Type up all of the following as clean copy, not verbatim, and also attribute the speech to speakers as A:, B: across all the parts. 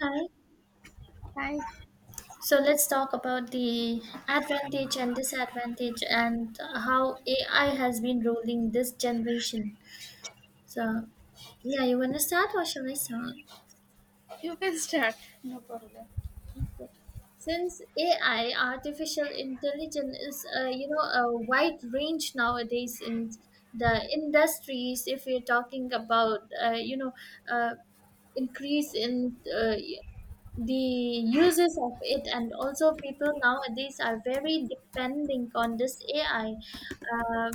A: Hi.
B: Thanks.
A: So let's talk about the advantage and disadvantage and how AI has been ruling this generation. So, yeah, you want to start or shall I start?
B: You can start.
A: Okay. Since AI, artificial intelligence, is a wide range nowadays in the industries. If we're talking about uh, increase in the uses of it, and also people nowadays are very depending on this ai, uh,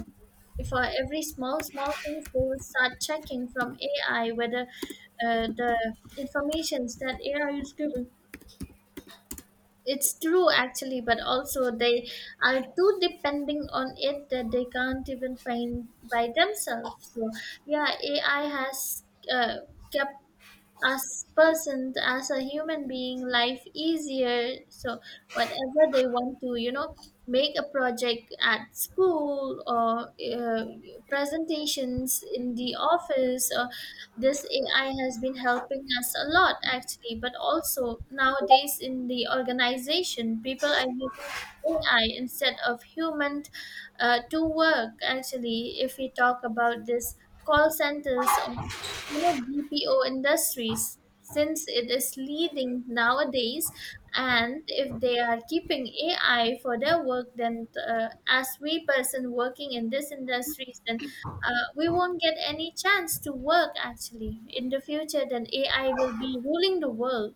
A: for every small small things they will start checking from ai whether the informations that ai is giving it's true actually, but also they are too depending on it that they can't even find by themselves. So yeah, ai has uh, kept as person, as a human being, life easier. So whatever they want to, you know, make a project at school, or presentations in the office, or this ai has been helping us a lot actually. But also, nowadays in the organization, people are using ai instead of human, to work actually. If we talk about this, call centers, you know, BPO industries, since it is leading nowadays, and if they are keeping AI for their work, then as we person working in this industries, then we won't get any chance to work actually in the future. Then AI will be ruling the world.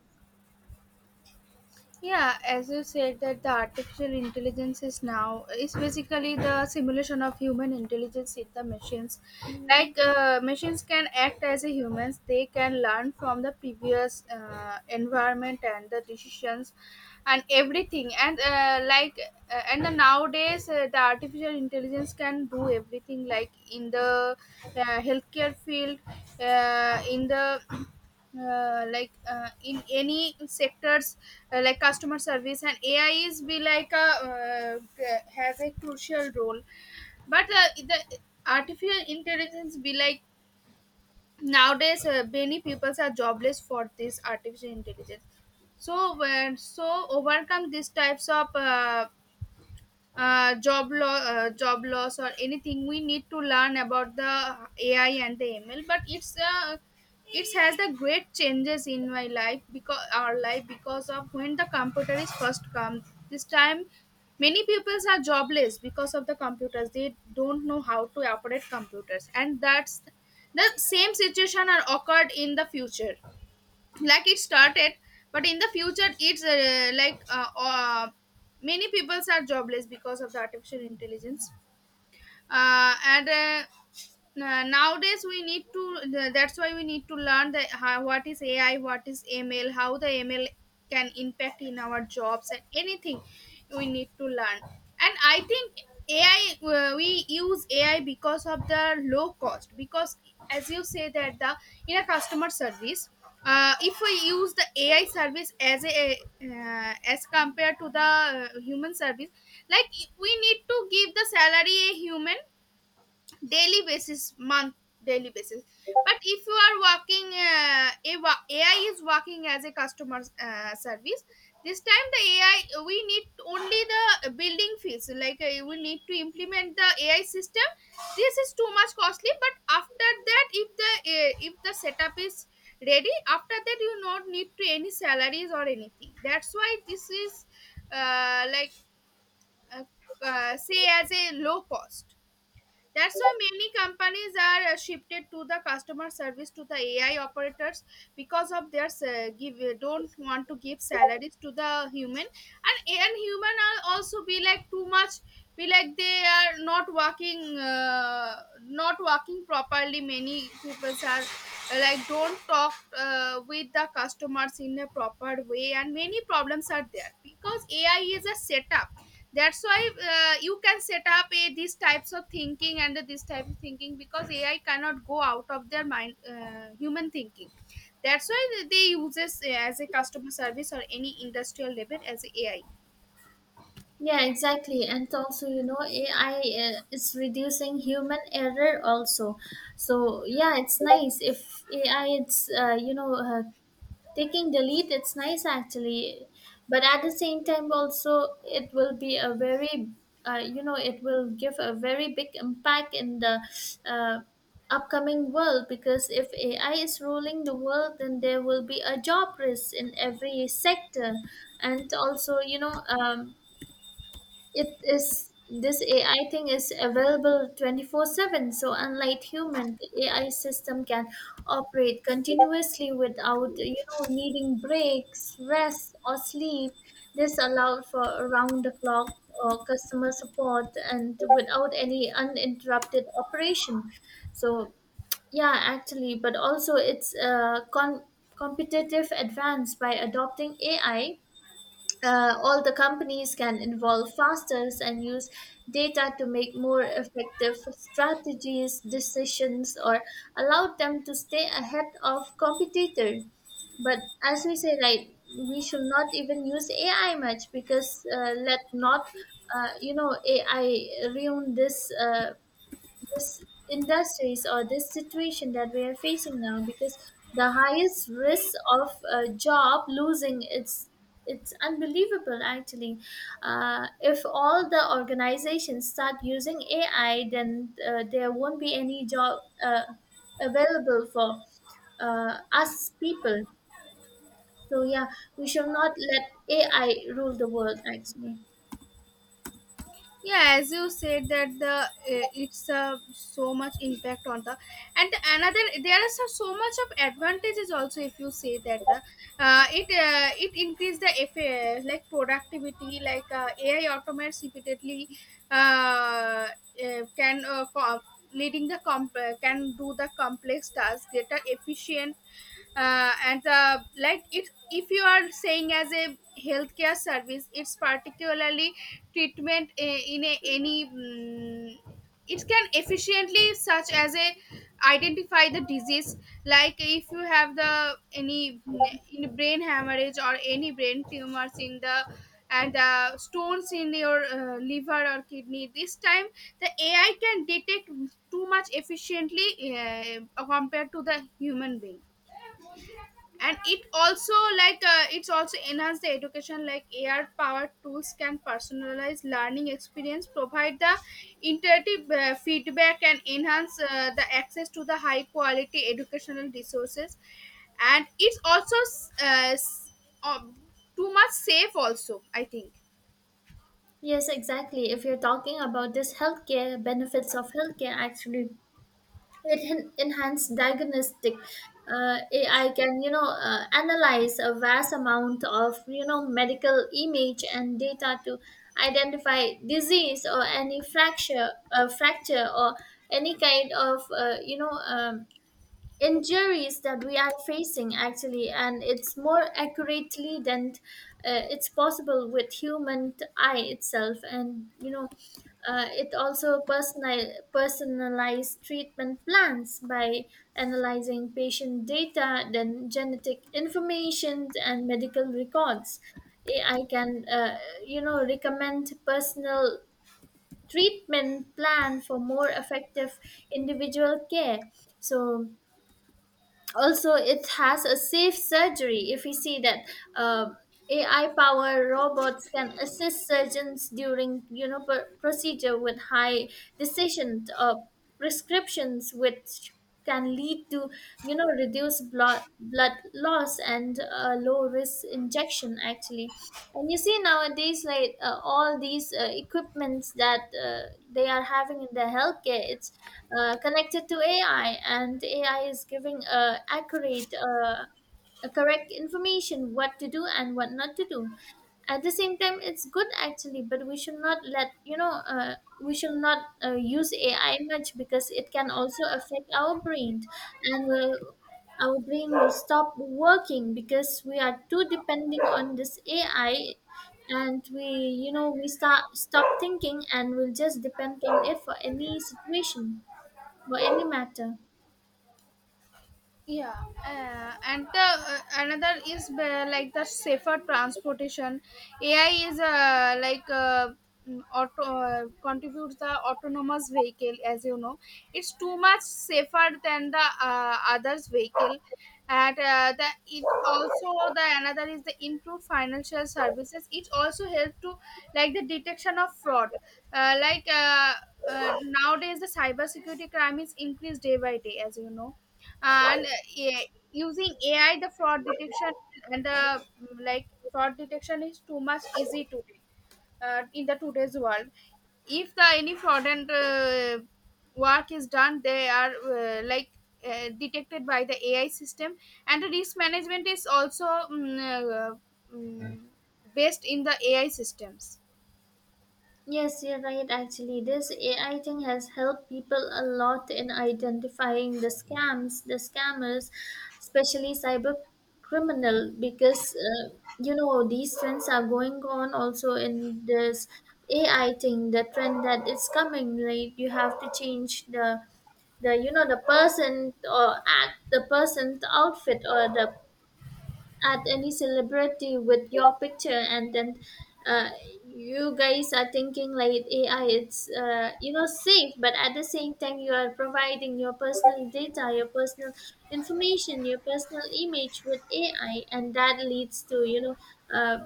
B: Yeah, as you said that the artificial intelligence is now is basically the simulation of human intelligence in the machines.
A: Mm.
B: Like machines can act as a humans, they can learn from the previous environment and the decisions and everything. And the nowadays the artificial intelligence can do everything. Like in the healthcare field, uh, in the in any sectors like customer service and ai is be like a has a crucial role but the artificial intelligence be like nowadays many people are jobless for this artificial intelligence so when so overcome these types of job law, job loss or anything, we need to learn about the AI and the ML. But it's it has the great changes in my life because our life because of when the computer is first come. This time, many peoples are jobless because of the computers. They don't know how to operate computers, and that's the same situation are occurred in the future like it started but in the future it's like many peoples are jobless because of the artificial intelligence uh, and uh, nowadays we need to that's why we need to learn the how, what is ai, what is ml, how the ml can impact in our jobs and anything we need to learn. And I think ai, we use ai because of the low cost because as you say that the in a customer service, if we use the ai service as a as compared to the human service, like we need to give the salary a human daily basis month daily basis. But if you are working ai is working as a customer service, this time the ai we need only the building fees, like we need to implement the ai system. This is too much costly, but after that if the, if the setup is ready after that you not need to any salaries or anything. That's why this is uh, like uh, say as a low cost. That's why many companies are shifted to the customer service to the AI operators because of their give don't want to give salaries to the human. And and human are also be like too much, be like they are not working not working properly, many people are like don't talk with the customers in a proper way, and many problems are there because AI is a setup. That's why you can set up a these types of thinking and this type of thinking, because ai cannot go out of their mind human thinking. That's why they uses as a customer service or any industrial level as a ai.
A: Yeah, exactly. And also, you know, AI is reducing human error also. So yeah, it's nice if AI it's taking the lead, it's nice actually. But at the same time also, it will be a very it will give a very big impact in the uh, upcoming world. Because if ai is ruling the world, then there will be a job risk in every sector. And also, you know, it is, this AI thing is available 24/7. So unlike human, the AI system can operate continuously without, you know, needing breaks, rest, or sleep. This allowed for around the clock or customer support and without any uninterrupted operation. So yeah, actually. But also, it's a competitive advance by adopting AI. All the companies can involve fasters and use data to make more effective strategies, decisions, or allow them to stay ahead of competitor. But as we say, right, we should not even use AI much. Because let not AI ruin this. This industries or this situation that we are facing now. Because the highest risk of a job losing its, it's unbelievable actually. If all the organizations start using ai, then there won't be any job available for us people. So yeah, we should not let ai rule the world actually.
B: Yeah, as you said that the it's so much impact on the, and another there is so much of advantages also. If you say that the it it increase like productivity, like ai automates repeatedly, uh, uh, can uh, com- leading can do the complex tasks greater efficient. Uh, and the like it, if you are saying as a healthcare service, it's particularly treatment, in a, any, it can efficiently such as a identify the disease. Like if you have the any, in brain hemorrhage or any brain tumors in the, and the stones in your liver or kidney, this time the ai can detect too much efficiently compared to the human being. And it also, like it's also enhance the education, like AR powered tools can personalize learning experience, provide the interactive feedback and enhance the access to the high quality educational resources. And it's also uh, s- uh, too much safe also, I think.
A: Yes, exactly. If you're talking about this healthcare, benefits of healthcare, actually, it enhanced diagnostic. Ai can, you know, analyze a vast amount of, you know, medical image and data to identify disease or any fracture, fracture or any kind of injuries that we are facing actually. And it's more accurately than it's possible with human eye itself. And you know, it also personalized treatment plans by analyzing patient data, then genetic information and medical records. Ai can you know, recommend personal treatment plan for more effective individual care. So also it has a safe surgery. If we see that, uh, ai powered robots can assist surgeons during, you know, procedure with high decision prescriptions, which can lead to, you know, reduced blood loss and low risk injection actually. And you see nowadays, like all these equipments that they are having in the healthcare, it's connected to AI, and AI is giving accurate, correct information what to do and what not to do. At the same time, it's good actually, but we should not let, you know, we should not use AI much, because it can also affect our brain. And our brain will stop working because we are too depending on this AI. And we, you know, we start stop thinking and we'll just depend on it for any situation, for any matter.
B: Yeah, another is like the safer transportation. Ai is like mm, auto contributes the autonomous vehicle, as you know it's too much safer than the others vehicle. And the it also, the another is the improved financial services. It also help to like the detection of fraud, uh, like uh, uh, nowadays the cybersecurity crime is increased day by day, as you know. And using ai, the fraud detection and the, fraud detection is too much easy today in the today's world. If the any fraudulent work is done they are detected by the ai system. And the risk management is also based in the ai systems.
A: Yes, you're right. Actually, this AI thing has helped people a lot in identifying the scams, the scammers, especially cyber criminal. Because you know, these trends are going on also in this AI thing. The trend that is coming, right? You have to change the, the person, or act the person's outfit, or the at any celebrity with your picture. And then uh, you guys are thinking like ai it's safe. But at the same time, you are providing your personal data, your personal information, your personal image with ai. And that leads to, you know, uh,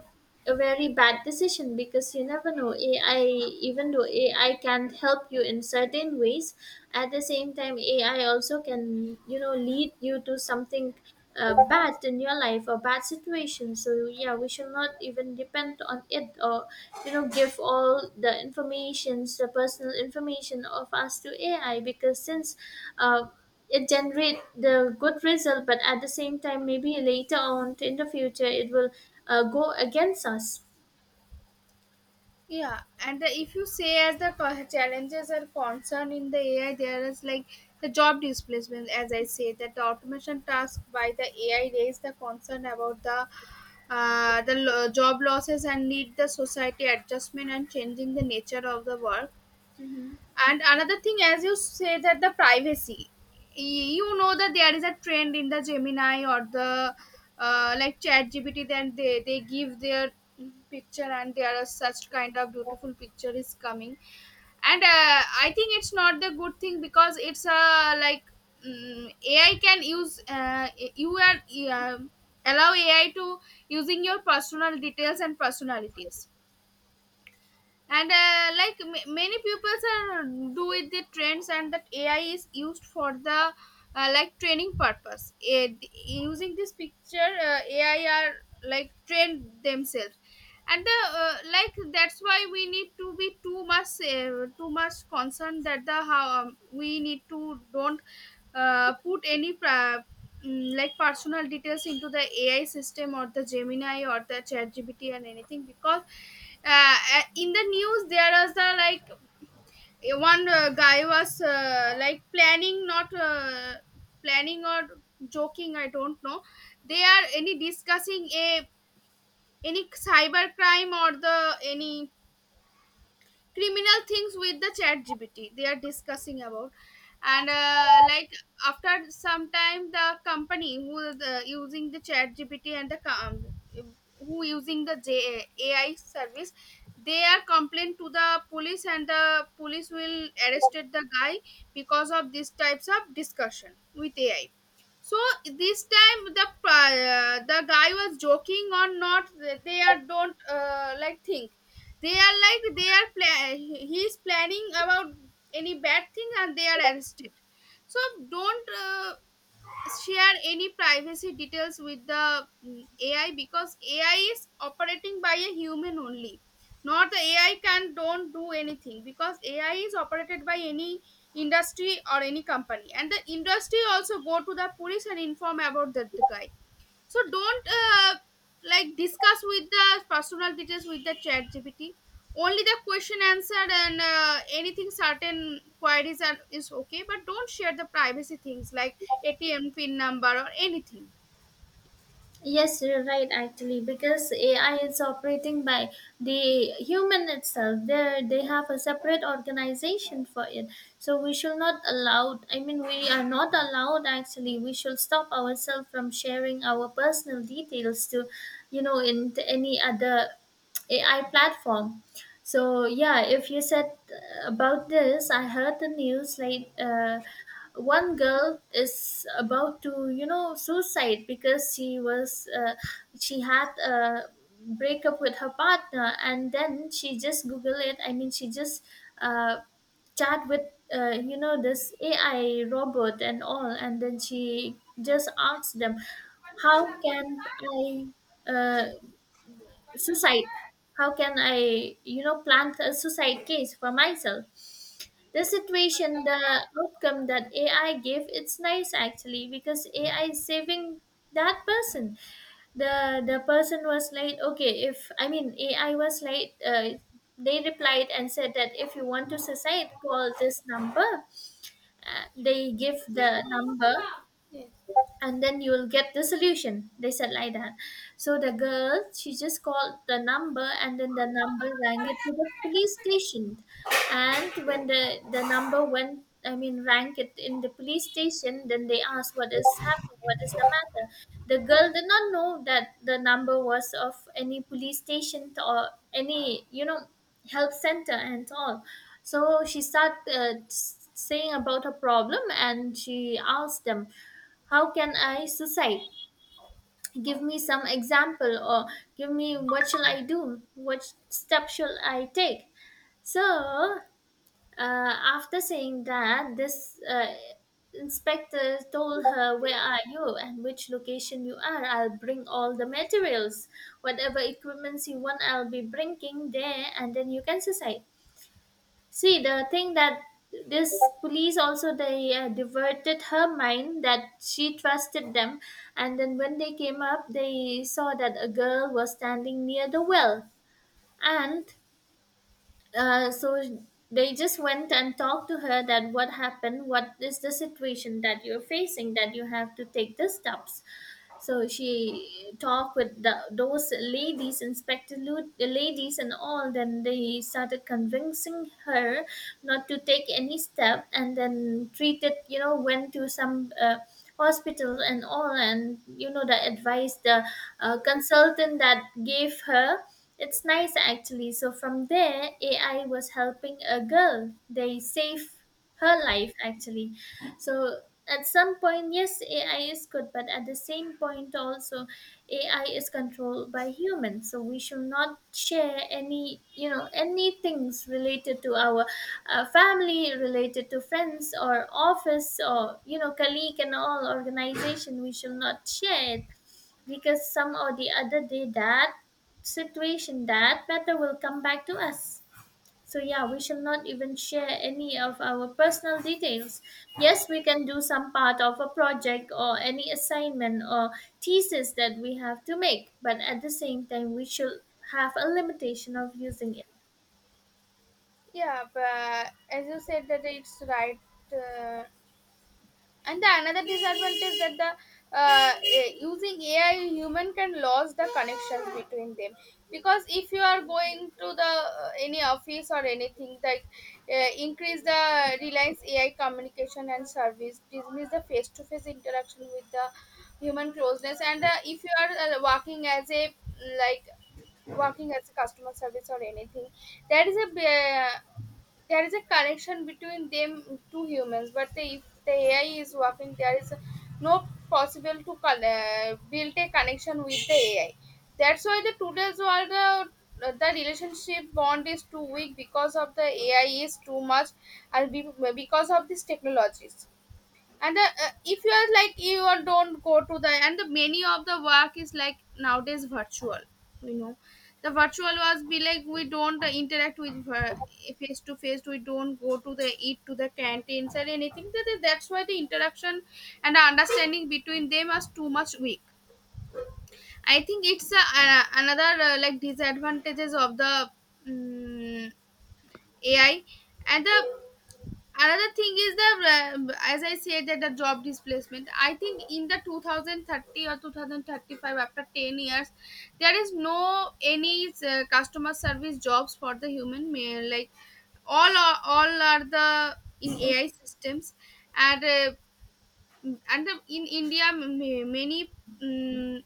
A: a very bad decision. Because you never know, ai, even though ai can help you in certain ways, at the same time, ai also can, you know, lead you to something bad in your life or bad situation. So yeah, we should not even depend on it, or, you know, give all the informations, the personal information of us, to ai. Because since uh, it generate the good result, but at the same time, maybe later on in the future, it will go against us.
B: Yeah, and if you say as challenges are concerned in the AI, there is like the job displacement. As I say, that the automation task by the AI raise the concern about the job losses and need the society adjustment and changing the nature of the work.
A: Mhm.
B: And another thing, as you say, that the privacy, you know that there is a trend in the gemini or the like chat gpt, then they give their picture and there are such kind of beautiful picture is coming. And I think it's not the good thing because it's like mm ai can use, you are uh, allow ai to using your personal details and personalities. And many pupils are do with the trends, and that ai is used for the like training purpose. Using this picture, ai are like trained themselves. And the like that's why we need to be too much concerned that the how, we need to don't put any pra- mm, like personal details into the ai system or the gemini or the chat gpt and anything. Because in the news there was the like one guy was like planning, not planning or joking, I don't know, they are any discussing a any cyber crime or the any criminal things with the chat gpt they are discussing about. And after some time the company who is using the chat gpt, and who using ai service, they are complained to the police, and the police will arrested the guy because of these types of discussion with ai. So this time the, the guy was joking or not, they are don't like think, they are like they are he is planning about any bad thing and they are arrested. So don't share any privacy details with the, ai, because ai is operating by a human only, not the ai can don't do anything, because ai is operated by any industry or any company, and the industry also go to the police and inform about that the guy. So don't discuss with the personal details with the chat GPT. Only the question answered and anything certain queries are, is okay, but don't share the privacy things like ATM pin number or anything.
A: Yes, you're right actually, because AI is operating by the human itself. There they have a separate organization for it. So we should not allow, I mean, we are not allowed actually, we should stop ourselves from sharing our personal details to, you know, in any other AI platform. So yeah, if you said about this, I heard the news like, one girl is about to, you know, suicide, because she was she had a breakup with her partner. And then she just google it, I mean, she just uh, chat with this ai robot and all. And then she just asked them, how can I uh, suicide, how can i, you know, plant a suicide case for myself. The situation, the outcome that ai gave, it's nice actually, because ai is saving that person. The person was late, okay, if, I mean, ai was late. They replied and said that, if you want to suicide, call this number. They give the number, and then you will get the solution, they said, like that. So the girl, she just called the number, and then the number rang it to the police station. And when the number went, I mean, rang it in the police station, then they asked, what is happening, what is the matter. The girl did not know that the number was of any police station or any, you know, health center and all. So she started saying about her problem, and she asked them, how can I society? Give me some example, or give me, what shall I do? What step shall I take? So, after saying that, this inspector told her, where are you and which location you are, I'll bring all the materials. Whatever equipments you want, I'll be bringing there, and then you can decide. See, the thing that this police also, they diverted her mind, that she trusted them. And then when they came up, they saw that a girl was standing near the well. And so they just went and talked to her, that what happened, what is the situation that you're facing, that you have to take the steps. So she talked with the, those ladies inspector, the ladies and all. Then they started convincing her not to take any step, and then treated, you know, went to some hospital and all. And you know, the advice, the consultant that gave her, it's nice actually. So from there, AI was helping a girl. They saved her life actually. So at some point, yes, AI is good. But at the same point also, AI is controlled by humans. So we should not share any, you know, any things related to our family, related to friends, or office, or, you know, colleague and all, organization. We should not share it, because some or the other day, that situation, that matter will come back to us. So yeah, we shall not even share any of our personal details. Yes, we can do some part of a project, or any assignment, or thesis that we have to make. But at the same time, we should have a limitation of using it.
B: Yeah, but as you said that it's right. Uh, and the another disadvantage that using ai human can lose the connections between them. Because if you are going to the any office or anything, like increase the reliance ai communication and service dismiss the face to face interaction with the human closeness. And if you are working as a, working as a customer service or anything, there is a uh, there is a connection between them two humans. But the, if the ai is working there is no possible to build a connection with the ai. That's why the today's world the relationship bond is too weak because of the ai is too much. and be- because of these technologies. And the, if you are like you are don't go to the, and the many of the work is like nowadays virtual, you know the virtual was be like we don't interact with her face to face, we don't go to the, eat to the canteens or anything. That, that's why the interaction and the understanding between them was too much weak. I think it's another like disadvantages of the um, ai. And the another thing is the as I said that the job displacement. I think in the 2030 or 2035, after 10 years there is no any customer service jobs for the human male, like all are the in ai systems. And in india, many, mm,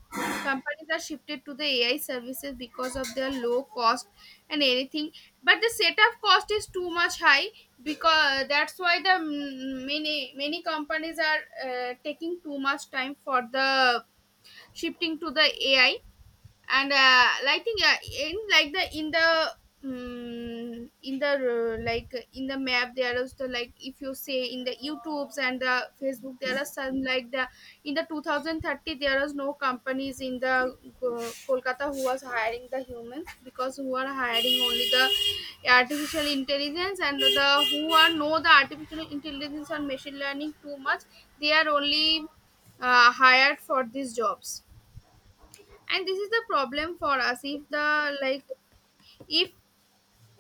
B: companies are shifted to the ai services because of their low cost and anything, but the setup cost is too much high. Because that's why the, many companies are taking too much time for the shifting to the AI. And I think in like the in the in the like in the map there is the like, if you say in the YouTubes and the Facebook, there are some like the in the 2030 there is no companies in the Kolkata who was hiring the humans, because who are hiring only the artificial intelligence and the who are know the artificial intelligence and machine learning too much, they are only hired for these jobs. And this is the problem for us. If the like, if,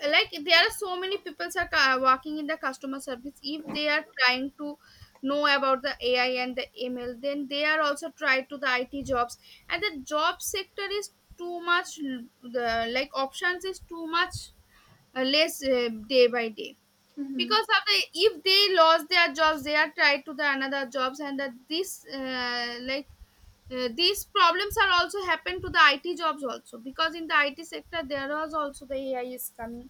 B: like, there are so many people are working in the customer service, if they are trying to know about the AI and the ML, then they are also tried to the IT jobs. And the job sector is too much, the like options is too much less day by day,
A: Mhm.
B: because of the if they lost their jobs they are tied to the another jobs. And that this these problems are also happen to the IT jobs also, because in the IT sector there was also the AI is coming.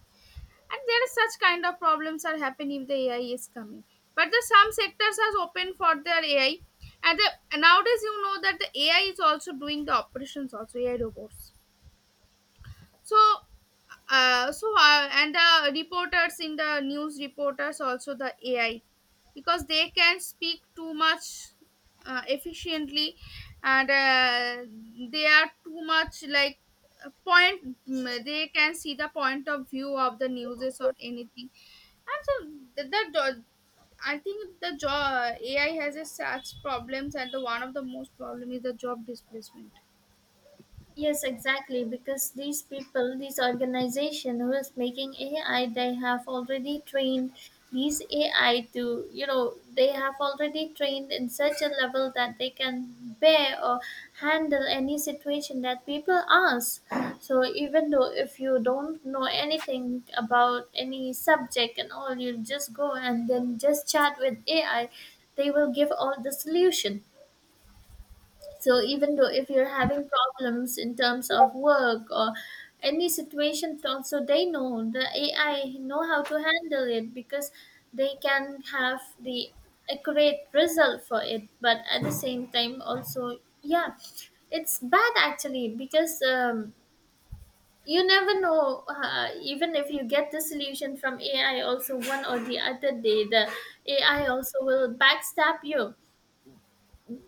B: And there is such kind of problems are happening if the AI is coming. But the some sectors are open for their AI. And nowadays you know that the AI is also doing the operations also, AI robots. So and the reporters in the news reporters also the AI, because they can speak too much efficiently. And they are too much like point, they can see the point of view of the news or anything. And so the, the do- I think the job AI has a such problems, and the one of the most problem is the job displacement.
A: Yes, exactly. Because these people, these organization who is making AI, they have already trained these AI to, you know, they have already trained in such a level that they can bear or handle any situation that people ask. So even though if you don't know anything about any subject and all, you just go and then just chat with AI. They will give all the solution, so even though if you're having problems in terms of work or any situation, also they know the AI know how to handle it because they can have the accurate result for it. But at the same time, also yeah, it's bad actually because you never know. Even if you get the solution from AI, also one or the other day, the AI also will backstab you.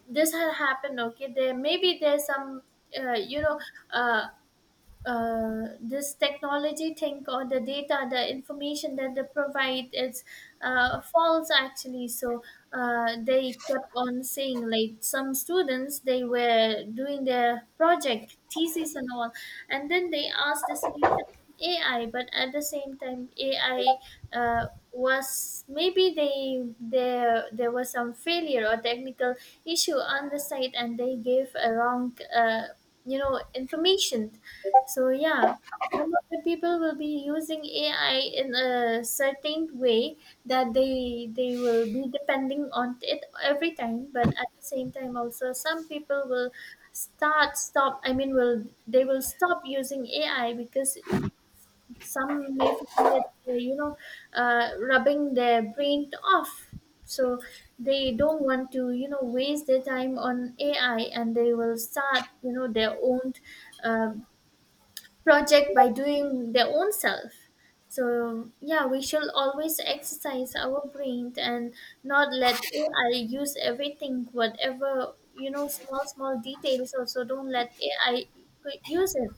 A: This had happened. Okay, there maybe there's some uh, you know uh, this technology think, or the data, the information that they provide, it's false actually. So they kept on saying like some students they were doing their project thesis and all, and then they asked the solution AI, but at the same time AI. Uh, was maybe they there was some failure or technical issue on the site, and they gave a wrong information. So yeah, some of the people will be using AI in a certain way that they will be depending on it every time, but at the same time also some people will start stop I mean will they will stop using AI because some may find it rubbing their brain off. So they don't want to waste their time on AI, and they will start their own uh, project by doing their own self. So yeah, we should always exercise our brain and not let AI use everything, whatever, small small details. Also, don't let AI use it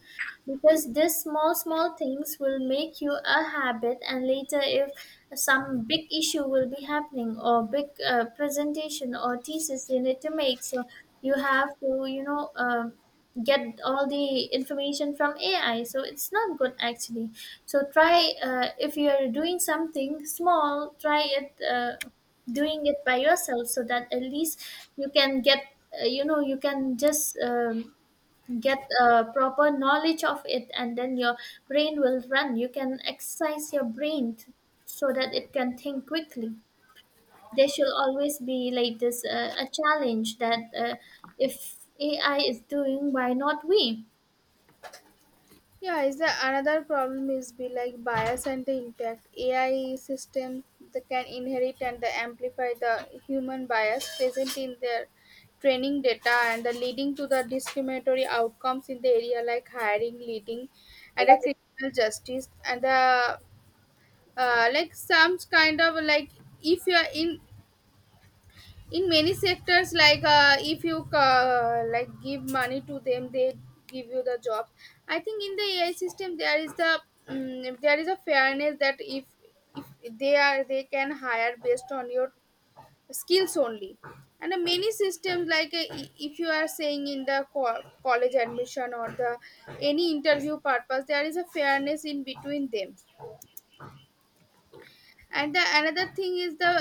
A: because this small small things will make you a habit, and later if some big issue will be happening or big presentation or thesis you need to make, so you have to get all the information from AI. So it's not good actually. So try, if you are doing something small, try it, doing it by yourself, so that at least you can get you can just get a proper knowledge of it, and then your brain will run. You can exercise your brain so that it can think quickly. There should always be like this, a challenge that, if AI is doing, why not we?
B: Yeah, is the another problem is be like bias and the impact. AI system that can inherit and the amplify the human bias present in their training data and the leading to the discriminatory outcomes in the area like hiring, leading, and the criminal justice and the like some kind of like, if you are in many sectors like, if you like give money to them they give you the jobs. I think in the AI system there is the there is a fairness that if they are they can hire based on your skills only. And many systems like if you are saying in the college admission or the any interview purpose, there is a fairness in between them. And the another thing is the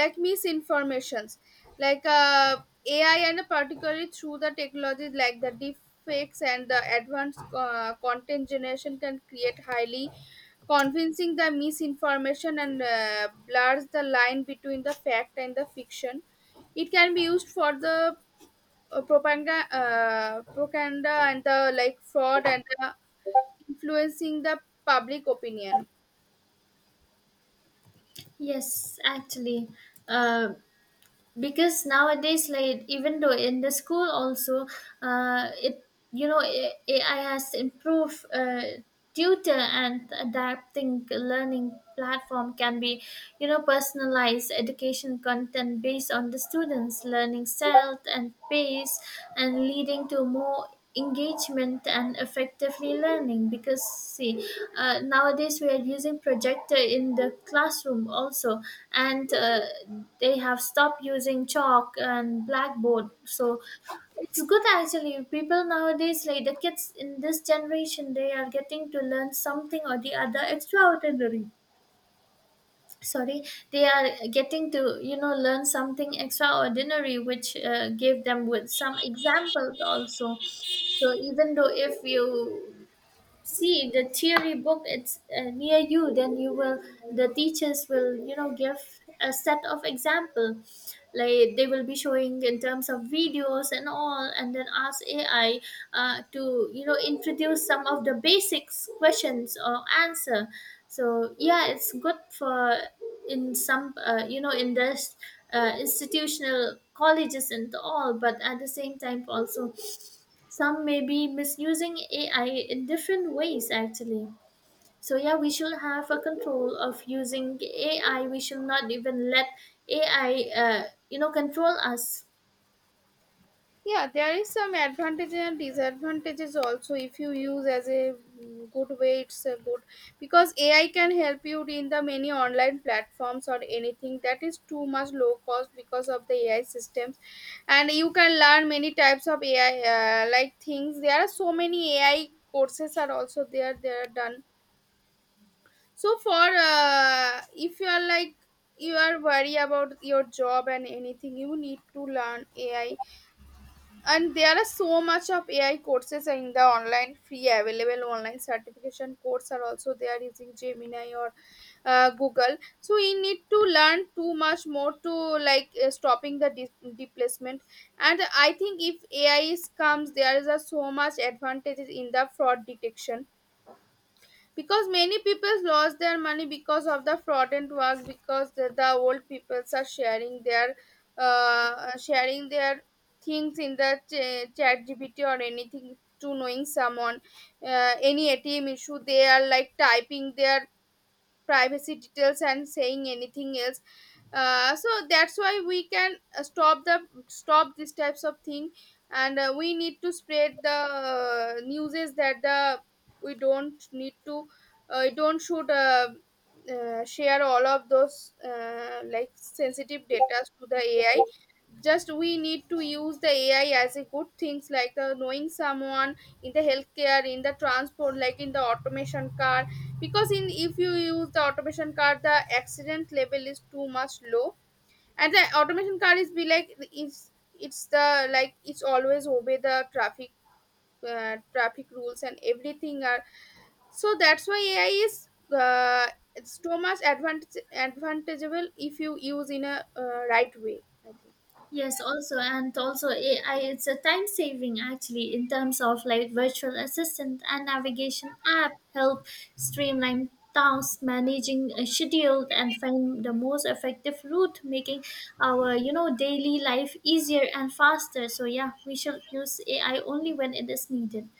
B: like misinformations. like uh, AI, and particularly through the technologies like the deep fakes and the advanced content generation, can create highly convincing the misinformation and blurs the line between the fact and the fiction. It can be used for the propaganda and the like fraud and the influencing the public opinion.
A: Yes, actually, uh, because nowadays, like even though in the school also, it, AI has improved. Tutor and adapting learning platform can be, personalized education content based on the students learning style and pace, and leading to more engagement and effectively learning because see, nowadays we are using projector in the classroom also, and they have stopped using chalk and blackboard. So it's good actually. People nowadays like the kids in this generation, they are getting to learn something or the other extraordinary. Sorry, they are getting to learn something extraordinary, which gave them with some examples also. So even though if you see the theory book, it's near you, then you will, the teachers will, give a set of example, like they will be showing in terms of videos and all, and then ask AI, to introduce some of the basics questions or answer. So yeah, it's good for in some, in this institutional colleges and all, but at the same time also some may be misusing AI in different ways actually. So yeah, we should have a control of using AI. We should not even let AI, control us.
B: Yeah, there is some advantages and disadvantages also. If you use as a good way, it's a good, because AI can help you in the many online platforms or anything that is too much low cost because of the AI systems, and you can learn many types of AI things. There are so many AI courses are also there. They are done. So for if you are like, you are worried about your job and anything, you need to learn AI. And there are so much of AI courses in the online, free available online certification course are also there, using Gemini or Google. So we need to learn too much more to like stopping the displacement. And I think if AI is comes, there is a so much advantages in the fraud detection, because many people lost their money because of the fraudulent work, because the old peoples are sharing their sharing their things in the chat GPT or anything, to knowing someone, any ATM issue they are like typing their privacy details and saying anything else. So that's why we can stop the stop these types of thing. And we need to spread the news is that the we don't need to we don't should share all of those like sensitive data to the AI. Just we need to use the AI as a good things, like the knowing someone in the healthcare, in the transport, like in the automation car. Because in, if you use the automation car the accident level is too much low. And the automation car is be like, it's the like it's always obey the traffic traffic rules and everything are. So that's why AI is uh, it's so much advantage advantageable if you use in a right way, I think.
A: Yes, also, and also AI, it's a time saving actually in terms of like virtual assistant and navigation app, help streamline tasks, managing a schedule and find the most effective route, making our, daily life easier and faster. So yeah, we should use AI only when it is needed.